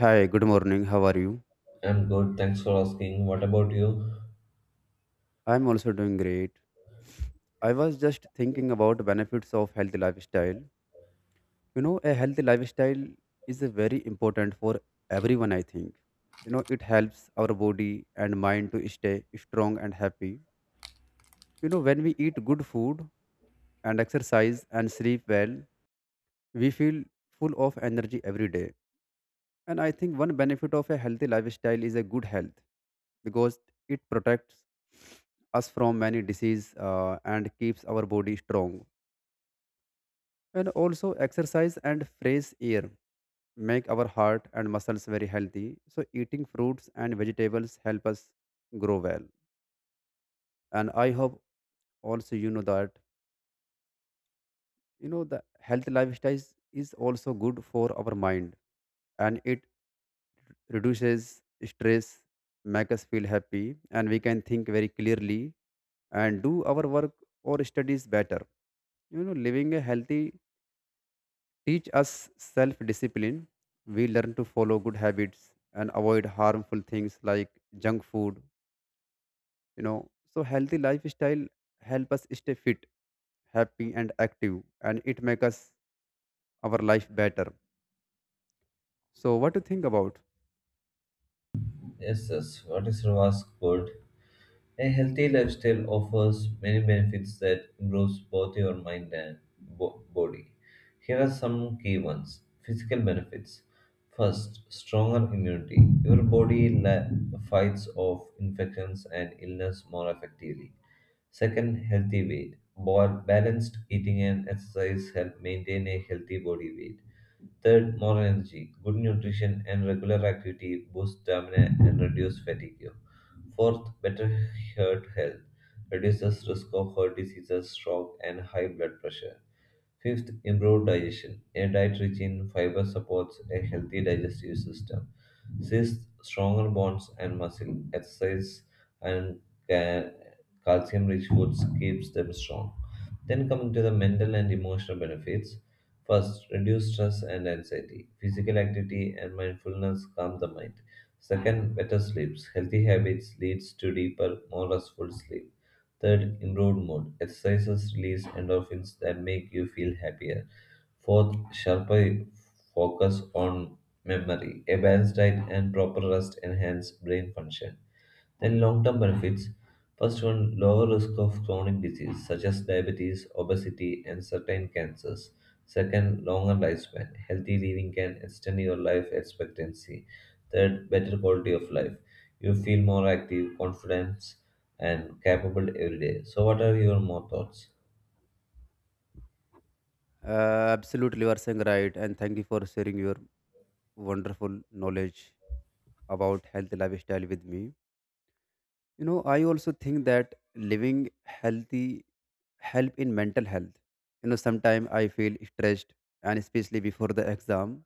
Hi, good morning. How are you? I'm good. Thanks for asking. What about you? I'm also doing great. I was just thinking about benefits of healthy lifestyle. You know, a healthy lifestyle is a very important for everyone, I think. You know, it helps our body and mind to stay strong and happy. You know, when we eat good food and exercise and sleep well, we feel full of energy every day. And I think one benefit of a healthy lifestyle is a good health because it protects us from many disease and keeps our body strong. And also exercise and fresh air make our heart and muscles very healthy. So eating fruits and vegetables help us grow well. And I hope also you know that you know the health lifestyle is also good for our mind, and it reduces stress, make us feel happy, and we can think very clearly and do our work or studies better. You know, living a healthy teach us self-discipline. We learn to follow good habits and avoid harmful things like junk food. You know, so healthy lifestyle help us stay fit, happy, and active, and it make us our life better. So, what do you think about? Yes, yes. What is was good? A healthy lifestyle offers many benefits that improves both your mind and body. Here are some key ones. Physical benefits. First, stronger immunity. Your body fights off infections and illness more effectively. Second, healthy weight. Balanced eating and exercise help maintain a healthy body weight. Third, more energy. Good nutrition and regular activity boost stamina and reduce fatigue. Fourth, better heart health reduces risk of heart diseases, stroke, and high blood pressure. Fifth, improved digestion. A diet rich in fiber supports a healthy digestive system. Sixth, stronger bones and muscle. Exercise and ca- calcium-rich foods keeps them strong. Then coming to the mental and emotional benefits. First, reduce stress and anxiety. Physical activity and mindfulness calm the mind. Second, better sleeps. Healthy habits leads to deeper, more restful sleep. Third, improved mood. Exercises release endorphins that make you feel happier. Fourth, sharper focus on memory. A balanced diet and proper rest enhance brain function. Then long-term benefits. First one, lower risk of chronic disease such as diabetes, obesity, and certain cancers. Second, longer lifespan. Healthy living can extend your life expectancy. Third, better quality of life. You feel more active, confident, and capable every day. So, what are your more thoughts? Absolutely, you are saying right, and thank you for sharing your wonderful knowledge about healthy lifestyle with me. You know, I also think that living healthy help in mental health. You know, sometimes I feel stressed and especially before the exam.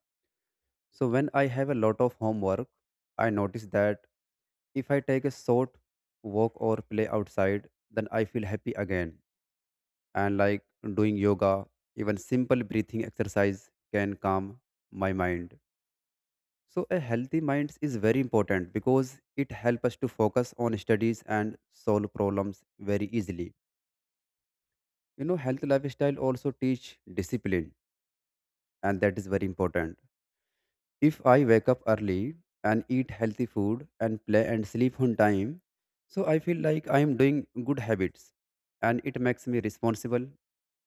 So when I have a lot of homework, I notice that if I take a short walk or play outside, then I feel happy again. And like doing yoga, even simple breathing exercise can calm my mind. So a healthy mind is very important because it helps us to focus on studies and solve problems very easily. You know, health lifestyle also teach discipline, and that is very important. If I wake up early and eat healthy food and play and sleep on time, so I feel like I am doing good habits and it makes me responsible.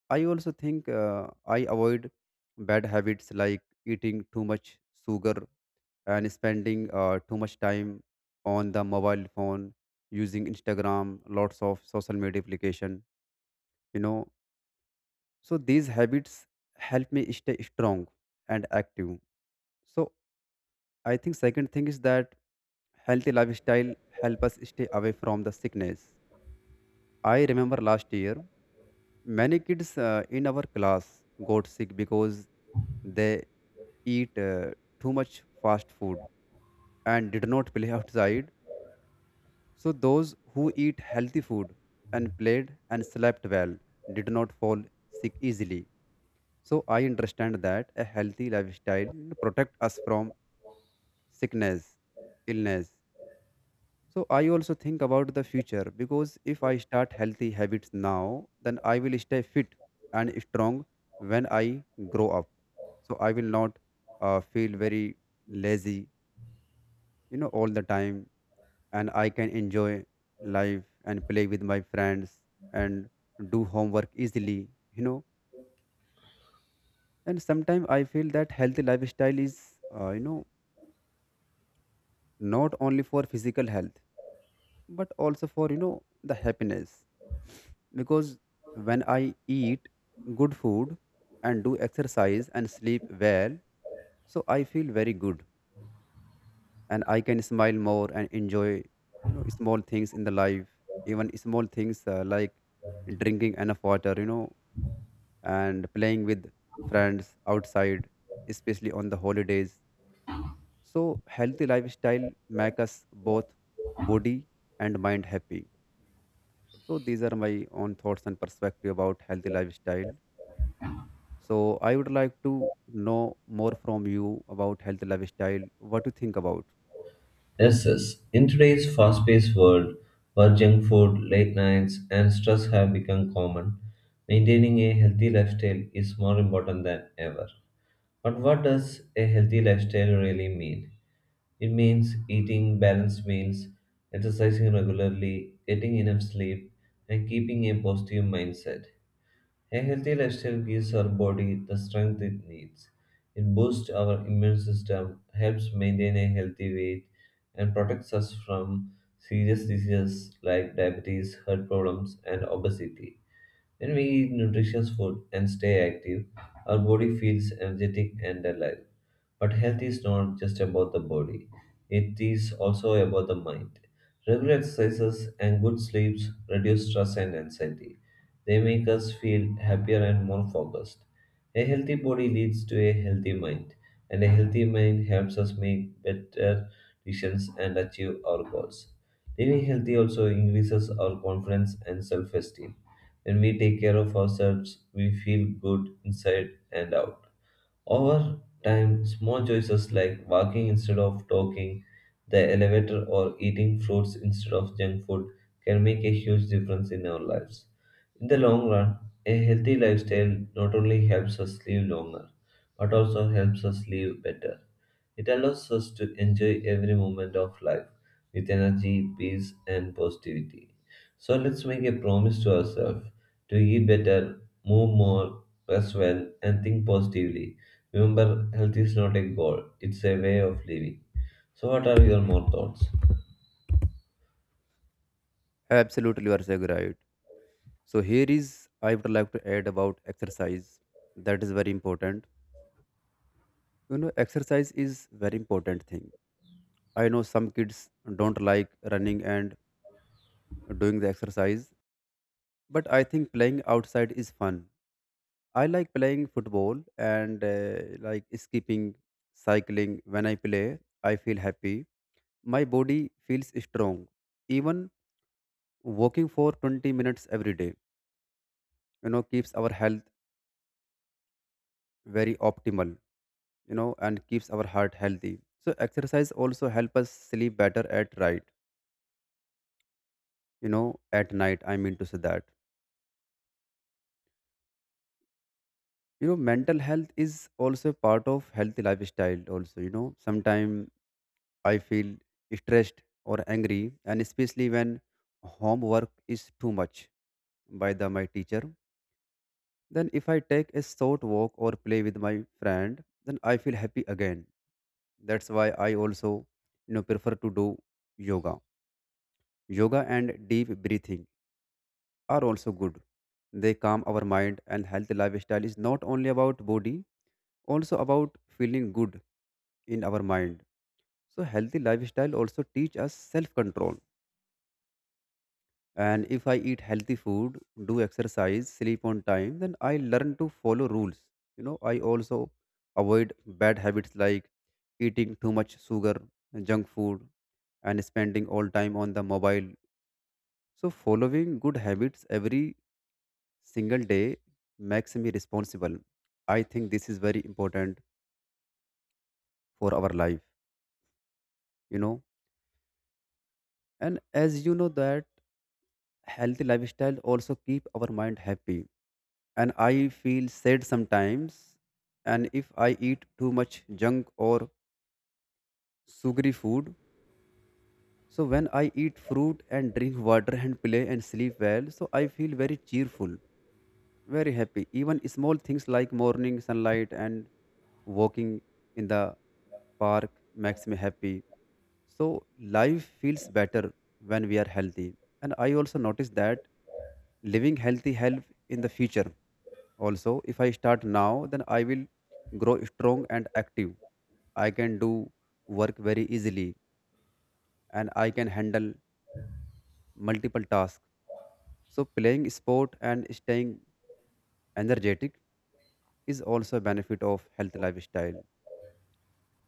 I also think I avoid bad habits like eating too much sugar and spending too much time on the mobile phone, using Instagram, lots of social media application. You know, so these habits help me stay strong and active. So I think second thing is that healthy lifestyle help us stay away from the sickness. I remember last year many kids in our class got sick because they eat too much fast food and did not play outside. So those who eat healthy food and played and slept well did not fall sick easily. So I understand that a healthy lifestyle protect us from sickness, illness. So I also think about the future because if I start healthy habits now, then I will stay fit and strong when I grow up. So I will not feel very lazy, you know, all the time, and I can enjoy life and play with my friends and do homework easily, you know. And sometimes I feel that healthy lifestyle is, you know, not only for physical health but also for you know the happiness, because when I eat good food and do exercise and sleep well, so I feel very good and I can smile more and enjoy you know small things in the life, even small things like drinking enough water you know and playing with friends outside, especially on the holidays. So healthy lifestyle make us both body and mind happy. So these are my own thoughts and perspective about healthy lifestyle. So I would like to know more from you about healthy lifestyle. What do you think about? Yes, yes. In today's fast-paced world, where junk food, late nights, and stress have become common, maintaining a healthy lifestyle is more important than ever. But what does a healthy lifestyle really mean? It means eating balanced meals, exercising regularly, getting enough sleep, and keeping a positive mindset. A healthy lifestyle gives our body the strength it needs. It boosts our immune system, helps maintain a healthy weight, and protects us from serious diseases like diabetes, heart problems, and obesity. When we eat nutritious food and stay active, our body feels energetic and alive. But health is not just about the body, it is also about the mind. Regular exercises and good sleeps reduce stress and anxiety. They make us feel happier and more focused. A healthy body leads to a healthy mind, and a healthy mind helps us make better decisions and achieve our goals. Living healthy also increases our confidence and self esteem. When we take care of ourselves, we feel good inside and out. Over time, small choices like walking instead of talking, the elevator, or eating fruits instead of junk food can make a huge difference in our lives. In the long run, a healthy lifestyle not only helps us live longer, but also helps us live better. It allows us to enjoy every moment of life with energy, peace, and positivity. So let's make a promise to ourselves to eat better, move more, rest well, and think positively. Remember, health is not a goal, it's a way of living. So, what are your more thoughts? Absolutely, you are saying right. So here is I would like to add about exercise. That is very important. You know, exercise is very important thing. I know some kids don't like running and doing the exercise, but I think playing outside is fun. I like playing football and like skipping, cycling. When I play, I feel happy. My body feels strong. Even walking for 20 minutes every day, you know, keeps our health very optimal, you know, and keeps our heart healthy. So exercise also help us sleep better at right, you know, at night. I mean to say that. You know, mental health is also part of healthy lifestyle also, you know. Sometimes I feel stressed or angry, and especially when homework is too much by the my teacher. Then if I take a short walk or play with my friend, then I feel happy again. That's why I also you know prefer to do yoga. Yoga and deep breathing are also good. They calm our mind, and healthy lifestyle is not only about body, also about feeling good in our mind. So healthy lifestyle also teach us self control. And if I eat healthy food, do exercise, sleep on time, then I learn to follow rules. You know, I also avoid bad habits like eating too much sugar, junk food, and spending all time on the mobile. So, following good habits every single day makes me responsible. I think this is very important for our life, you know. And as you know that healthy lifestyle also keep our mind happy, and I feel sad sometimes. And if I eat too much junk or sugary food, so when I eat fruit and drink water and play and sleep well, so I feel very cheerful, very happy. Even small things like morning sunlight and walking in the park makes me happy. So life feels better when we are healthy. And I also notice that living healthy help in the future. Also, if I start now, then I will grow strong and active. I can do work very easily and I can handle multiple tasks. So, playing sport and staying energetic is also a benefit of health lifestyle.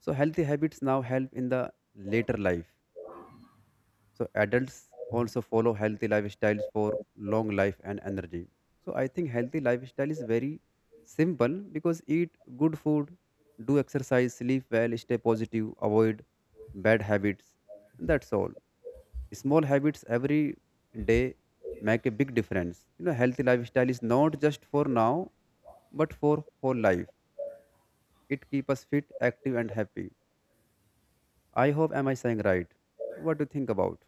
So, healthy habits now help in the later life. So adults also follow healthy lifestyles for long life and energy. So I think healthy lifestyle is very simple because eat good food, do exercise, sleep well, stay positive, avoid bad habits. And that's all. Small habits every day make a big difference. You know, healthy lifestyle is not just for now, but for whole life. It keeps us fit, active, and happy. I hope am I saying right? What do you think about?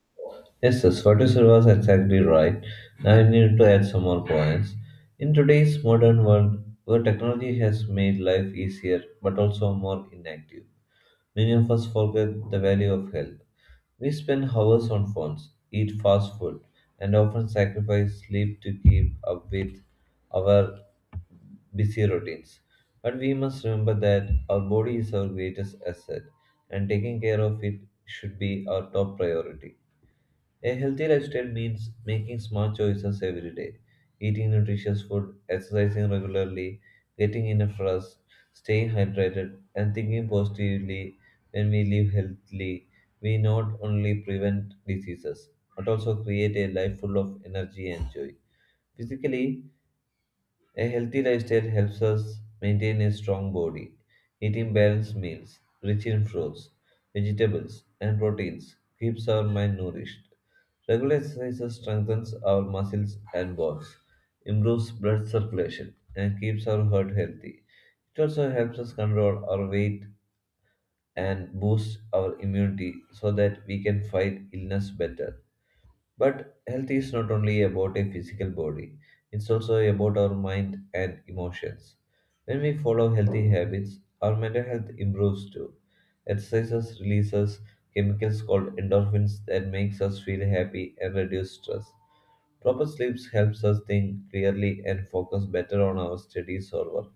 Yes, yes, what you said was exactly right. Now I need to add some more points. In today's modern world, where technology has made life easier but also more inactive, many of us forget the value of health. We spend hours on phones, eat fast food, and often sacrifice sleep to keep up with our busy routines. But we must remember that our body is our greatest asset, and taking care of it should be our top priority. A healthy lifestyle means making smart choices every day, eating nutritious food, exercising regularly, getting enough rest, staying hydrated, and thinking positively. When we live healthily, we not only prevent diseases but also create a life full of energy and joy. Physically, a healthy lifestyle helps us maintain a strong body. Eating balanced meals, rich in fruits, vegetables, and proteins, keeps our mind nourished. Regular exercise strengthens our muscles and bones, improves blood circulation, and keeps our heart healthy. It also helps us control our weight and boosts our immunity so that we can fight illness better. But health is not only about a physical body, it's also about our mind and emotions. When we follow healthy habits, our mental health improves too. Exercises releases chemicals called endorphins that makes us feel happy and reduce stress. Proper sleep helps us think clearly and focus better on our studies or work.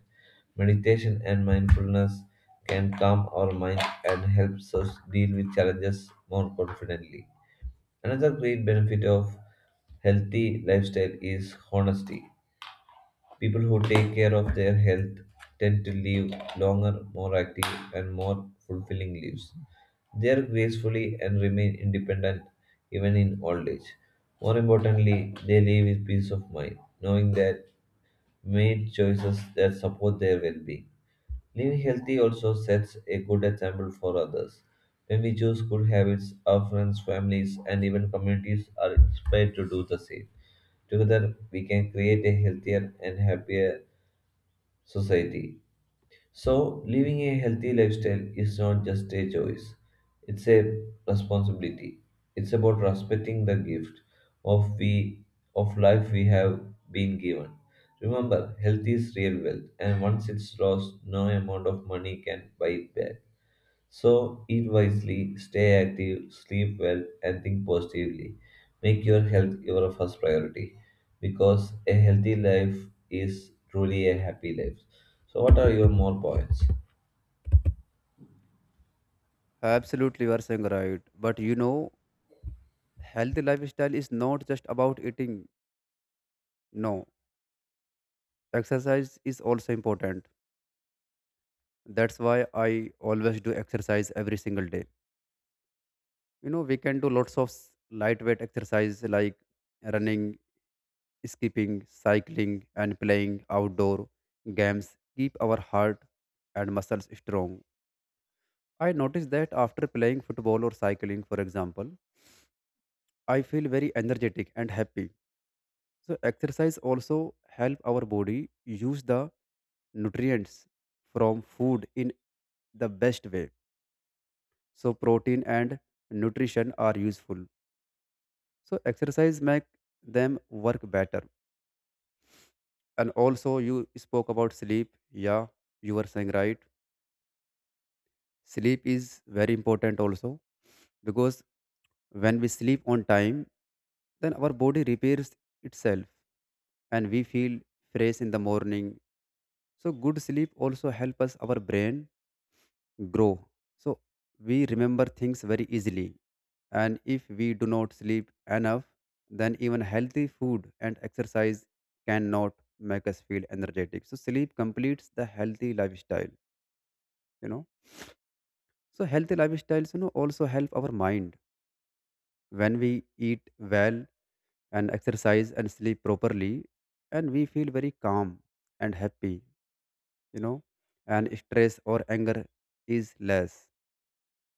Meditation and mindfulness can calm our mind and helps us deal with challenges more confidently. Another great benefit of healthy lifestyle is honesty. People who take care of their health tend to live longer, more active, and more fulfilling lives. They are gracefully and remain independent even in old age. More importantly, they live with peace of mind, knowing that made choices that support their well-being. Living healthy also sets a good example for others. When we choose good habits, our friends, families, and even communities are inspired to do the same. Together, we can create a healthier and happier society. So, living a healthy lifestyle is not just a choice, it's a responsibility. It's about respecting the gift of we of life we have been given. Remember, health is real wealth, and once it's lost, no amount of money can buy it back. So eat wisely, stay active, sleep well, and think positively. Make your health your first priority because a healthy life is truly a happy life. So, what are your more points? Absolutely, you are saying right. But you know, healthy lifestyle is not just about eating. No, exercise is also important. That's why I always do exercise every single day. You know, we can do lots of lightweight exercise like running, skipping, cycling, and playing outdoor games. Keep our heart and muscles strong. I notice that after playing football or cycling, for example, I feel very energetic and happy. So exercise also help our body use the nutrients from food in the best way. So protein and nutrition are useful. So exercise make them work better. And also you spoke about sleep. Yeah, you were saying right. Sleep is very important also because when we sleep on time, then our body repairs itself and we feel fresh in the morning. So good sleep also help us our brain grow. So we remember things very easily. And if we do not sleep enough, then even healthy food and exercise cannot make us feel energetic. So sleep completes the healthy lifestyle, you know. So healthy lifestyles, you know, also help our mind. When we eat well and exercise and sleep properly, and we feel very calm and happy, you know, and stress or anger is less.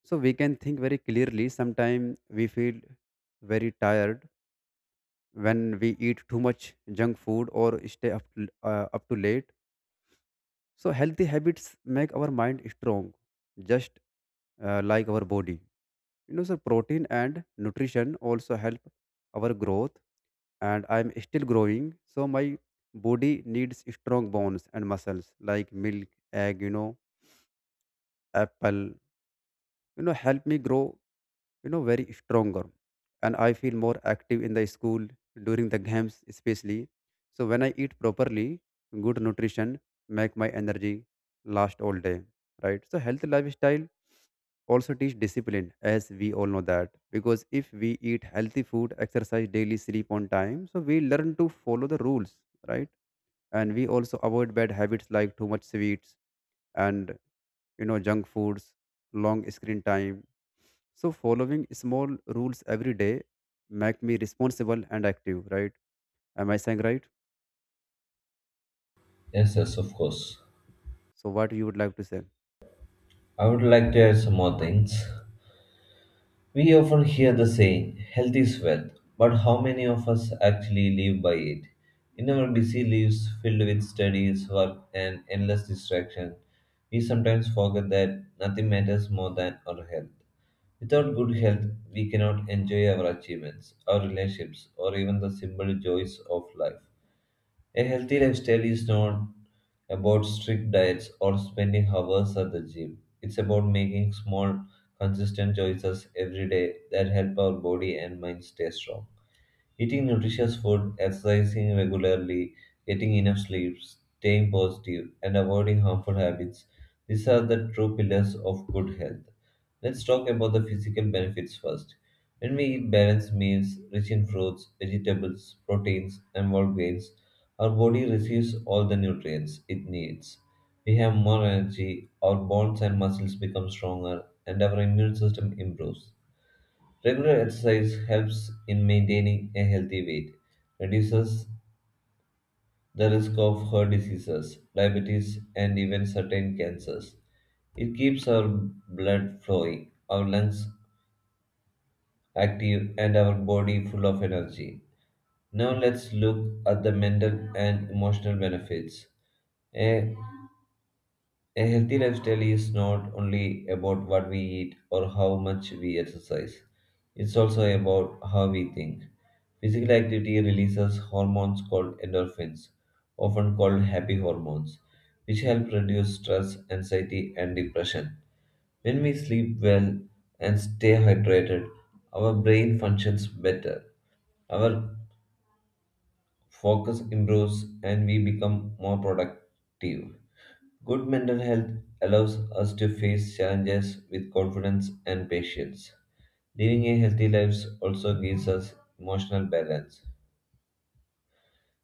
So we can think very clearly. Sometimes we feel very tired when we eat too much junk food or stay up to, up too late. So healthy habits make our mind strong, just like our body. You know, so protein and nutrition also help our growth, and I'm still growing. So my body needs strong bones and muscles like milk, egg, you know, apple, you know, help me grow you know very stronger, and I feel more active in the school during the games especially. So when I eat properly, good nutrition make my energy last all day, right? So healthy lifestyle also teach discipline as we all know that, because if we eat healthy food, exercise daily, sleep on time, so we learn to follow the rules, right? And we also avoid bad habits like too much sweets and you know junk foods, long screen time. So following small rules every day make me responsible and active, right? Am I saying right? Yes, yes, of course. So what you would like to say? I would like to add some more things. We often hear the saying, health is wealth, but how many of us actually live by it? In our busy lives filled with studies, work, and endless distraction, we sometimes forget that nothing matters more than our health. Without good health, we cannot enjoy our achievements, our relationships, or even the simple joys of life. A healthy lifestyle is not about strict diets or spending hours at the gym. It's about making small, consistent choices every day that help our body and mind stay strong. Eating nutritious food, exercising regularly, getting enough sleep, staying positive, and avoiding harmful habits. These are the true pillars of good health. Let's talk about the physical benefits first. When we eat balanced meals rich in fruits, vegetables, proteins, and whole grains, our body receives all the nutrients it needs. We have more energy, our bones and muscles become stronger, and our immune system improves. Regular exercise helps in maintaining a healthy weight, reduces the risk of heart diseases, diabetes, and even certain cancers. It keeps our blood flowing, our lungs active, and our body full of energy. Now, let's look at the mental and emotional benefits. A A healthy lifestyle is not only about what we eat or how much we exercise, it's also about how we think. Physical activity releases hormones called endorphins, often called happy hormones, which help reduce stress, anxiety, and depression. When we sleep well and stay hydrated, our brain functions better, our focus improves, and we become more productive. Good mental health allows us to face challenges with confidence and patience. Living a healthy life also gives us emotional balance.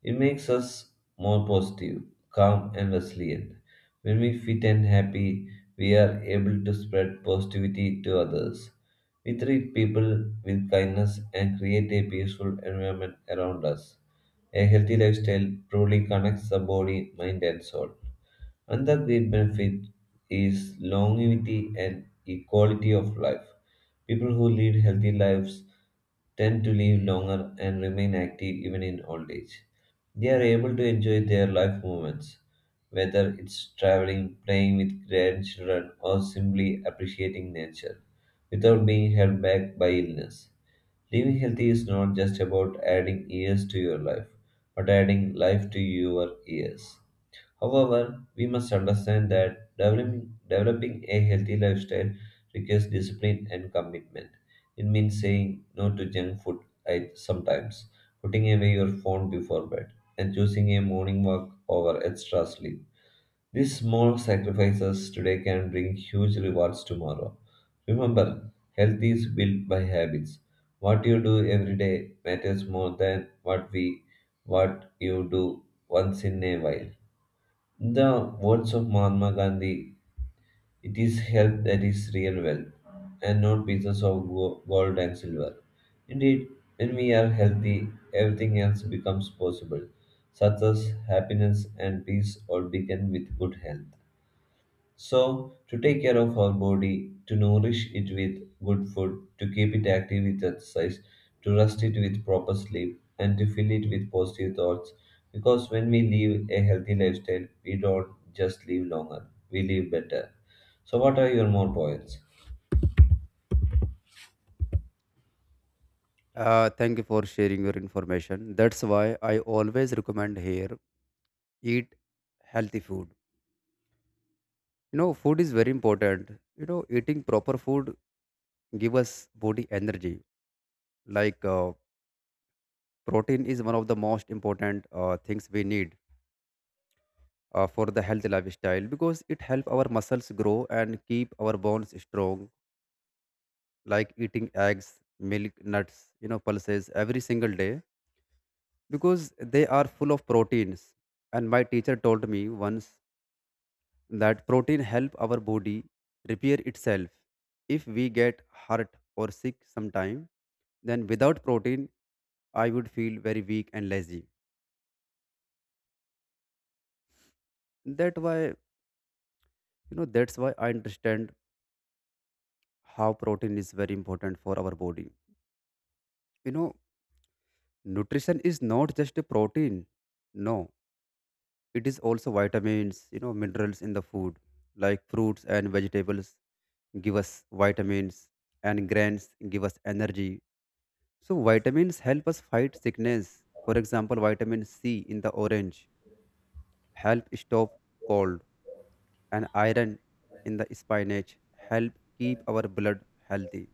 It makes us more positive, calm, and resilient. When we fit and happy, we are able to spread positivity to others. We treat people with kindness and create a peaceful environment around us. A healthy lifestyle truly connects the body, mind, and soul. Another great benefit is longevity and equality of life. People who lead healthy lives tend to live longer and remain active even in old age. They are able to enjoy their life moments, whether it's traveling, playing with grandchildren, or simply appreciating nature, without being held back by illness. Living healthy is not just about adding years to your life, but adding life to your years. However, we must understand that developing a healthy lifestyle requires discipline and commitment. It means saying no to junk food at sometimes, putting away your phone before bed, and choosing a morning walk over extra sleep. These small sacrifices today can bring huge rewards tomorrow. Remember, health is built by habits. What you do every day matters more than what you do once in a while. In the words of Mahatma Gandhi, it is health that is real wealth, and not pieces of gold and silver. Indeed, when we are healthy, everything else becomes possible. Success, happiness, and peace all begin with good health. So, to take care of our body, to nourish it with good food, to keep it active with exercise, to rest it with proper sleep, and to fill it with positive thoughts. Because when we live a healthy lifestyle, we don't just live longer, we live better. So, what are your more points? Thank you for sharing your information. That's why I always recommend here eat healthy food. You know, food is very important. You know, eating proper food give us body energy. Like protein is one of the most important things we need for the healthy lifestyle because it help our muscles grow and keep our bones strong, like eating eggs, milk, nuts, you know, pulses every single day because they are full of proteins. And my teacher told me once that protein help our body repair itself. If we get hurt or sick sometime, then without protein, I would feel very weak and lazy. That why you know that's why I understand how protein is very important for our body. You know, nutrition is not just a protein. No, it is also vitamins, you know, minerals in the food, like fruits and vegetables give us vitamins and grains give us energy. So vitamins help us fight sickness. For example, vitamin C in the orange help stop cold, and iron in the spinach help keep our blood healthy.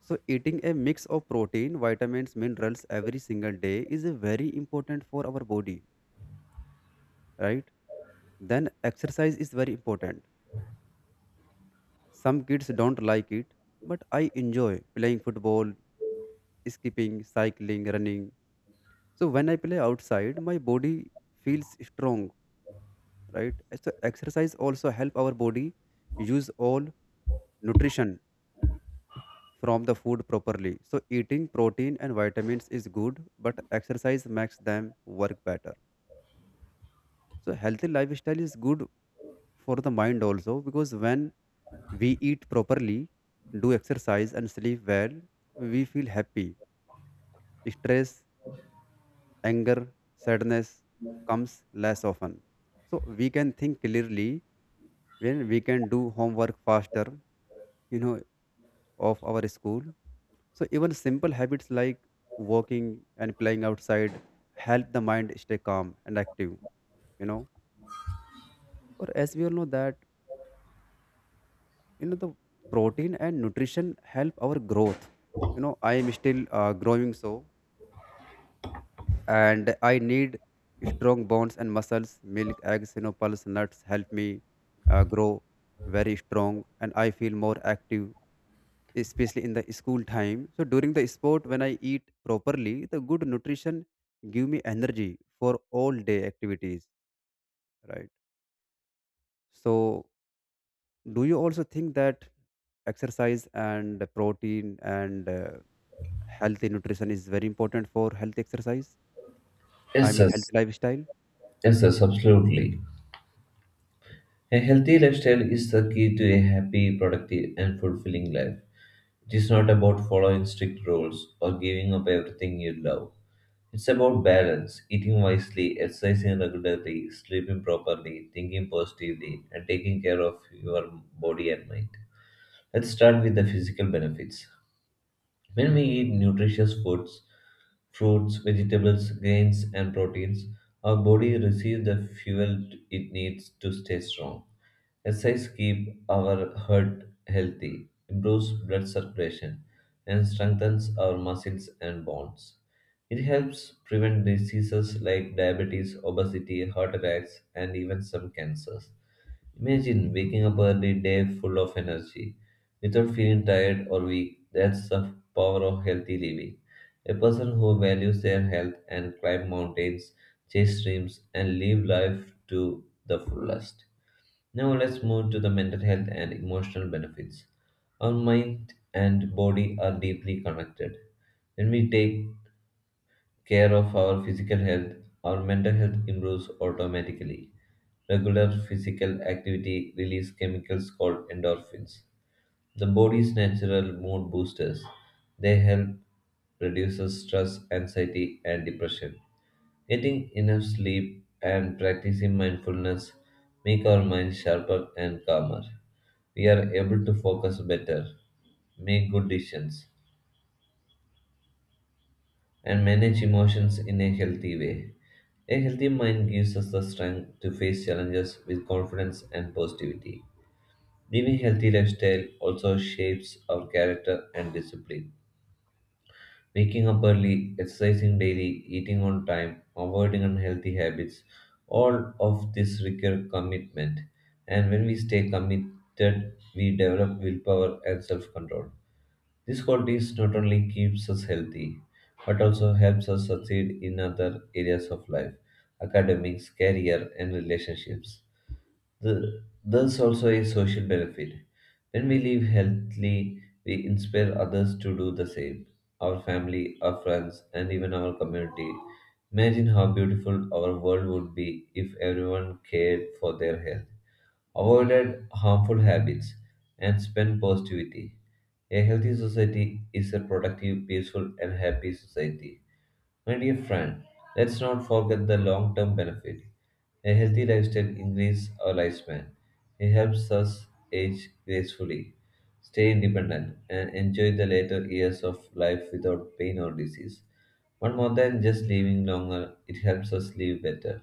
So eating a mix of protein, vitamins, minerals every single day is very important for our body, right? Then exercise is very important. Some kids don't like it, but I enjoy playing football, skipping, cycling, running. So when I play outside, my body feels strong, right? So exercise also help our body use all nutrition from the food properly. So eating protein and vitamins is good, but exercise makes them work better. So healthy lifestyle is good for the mind also because when we eat properly, do exercise and sleep well, we feel happy. Stress, anger, sadness comes less often. So we can think clearly when we can do homework faster, you know, of our school. So even simple habits like walking and playing outside help the mind stay calm and active, you know. Or as we all know that, you know, the protein and nutrition help our growth. You know, I am still growing so, and I need strong bones and muscles. Milk, eggs, you know, pulse, nuts help me grow very strong, and I feel more active, especially in the school time. So during the sport, when I eat properly, the good nutrition give me energy for all day activities, right? So do you also think that exercise and protein and healthy nutrition is very important for health exercise? I Yes, mean, healthy yes, lifestyle. yes, yes, absolutely. A healthy lifestyle is the key to a happy, productive, and fulfilling life. It is not about following strict rules or giving up everything you love. It's about balance, eating wisely, exercising regularly, sleeping properly, thinking positively, and taking care of your body and mind. Let's start with the physical benefits. When we eat nutritious foods, fruits, vegetables, grains, and proteins, our body receives the fuel it needs to stay strong. Exercise keeps our heart healthy, improves blood circulation, and strengthens our muscles and bones. It helps prevent diseases like diabetes, obesity, heart attacks, and even some cancers. Imagine waking up early day full of energy without feeling tired or weak. That's the power of healthy living. A person who values their health and climb mountains, chase dreams, and live life to the fullest. Now let's move to the mental health and emotional benefits. Our mind and body are deeply connected. When we take care of our physical health, our mental health improves automatically. Regular physical activity releases chemicals called endorphins, the body's natural mood boosters. They help reduce stress, anxiety, and depression. Getting enough sleep and practicing mindfulness make our mind sharper and calmer. We are able to focus better, make good decisions, and manage emotions in a healthy way. A healthy mind gives us the strength to face challenges with confidence and positivity. Living healthy lifestyle also shapes our character and discipline. Waking up early, exercising daily, eating on time, avoiding unhealthy habits, all of this require commitment. And when we stay committed, we develop willpower and self-control. This qualities not only keeps us healthy, but also helps us succeed in other areas of life, academics, career, and relationships. There's also a social benefit. When we live healthily, we inspire others to do the same. Our family, our friends, and even our community. Imagine how beautiful our world would be if everyone cared for their health avoided harmful habits, and spent positivity. A healthy society is a productive, peaceful, and happy society. My dear friend, let's not forget the long term benefit. A healthy lifestyle increases our lifespan. It helps us age gracefully, stay independent, and enjoy the later years of life without pain or disease. But more than just living longer, it helps us live better.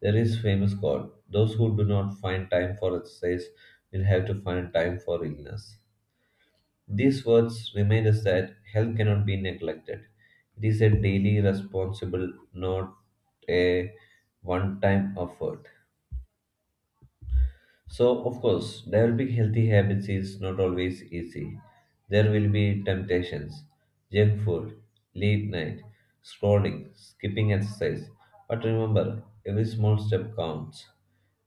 There is famous quote: "Those who do not find time for exercise will have to find time for illness." These words remind us that health cannot be neglected. It is a daily responsible, not a one time effort. So, of course, developing healthy habits is not always easy. There will be temptations, junk food, late night, scrolling, skipping exercise. But remember, every small step counts.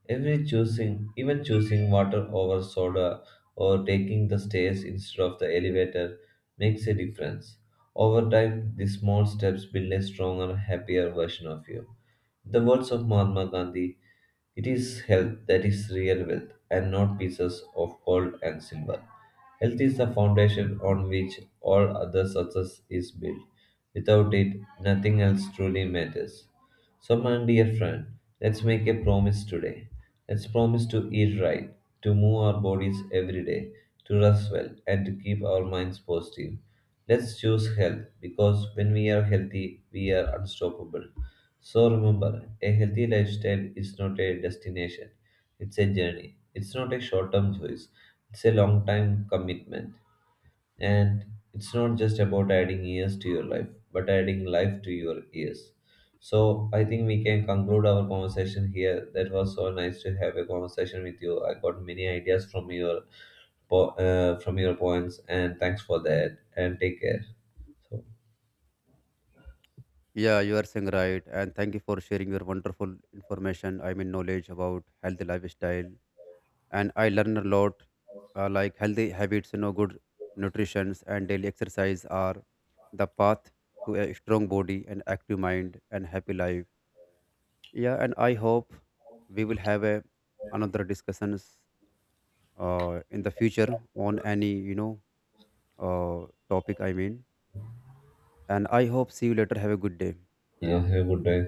Every choosing, even choosing water over soda or taking the stairs instead of the elevator, makes a difference. Over time, these small steps build a stronger, happier version of you. In the words of Mahatma Gandhi, it is health that is real wealth and not pieces of gold and silver. Health is the foundation on which all other success is built. Without it, nothing else truly matters. So, my dear friend, let's make a promise today. Let's promise to eat right, to move our bodies every day, to rest well, and to keep our minds positive. Let's choose health because when we are healthy, we are unstoppable. So, remember, a healthy lifestyle is not a destination, it's a journey. It's not a short term choice, it's a long time commitment. And it's not just about adding years to your life, but adding life to your years. So I think we can conclude our conversation here. That was so nice to have a conversation with you. I got many ideas from your from your points, and thanks for that. And take care. So Yeah, you are saying right. And thank you for sharing your wonderful information. I mean, knowledge about healthy lifestyle. And I learn a lot, like healthy habits, you know, good nutrition and daily exercise are the path to a strong body and active mind and happy life. Yeah, and I hope we will have a another discussions in the future on any, you know, topic. I mean, and I hope see you later. Have a good day. yeah, have a good day.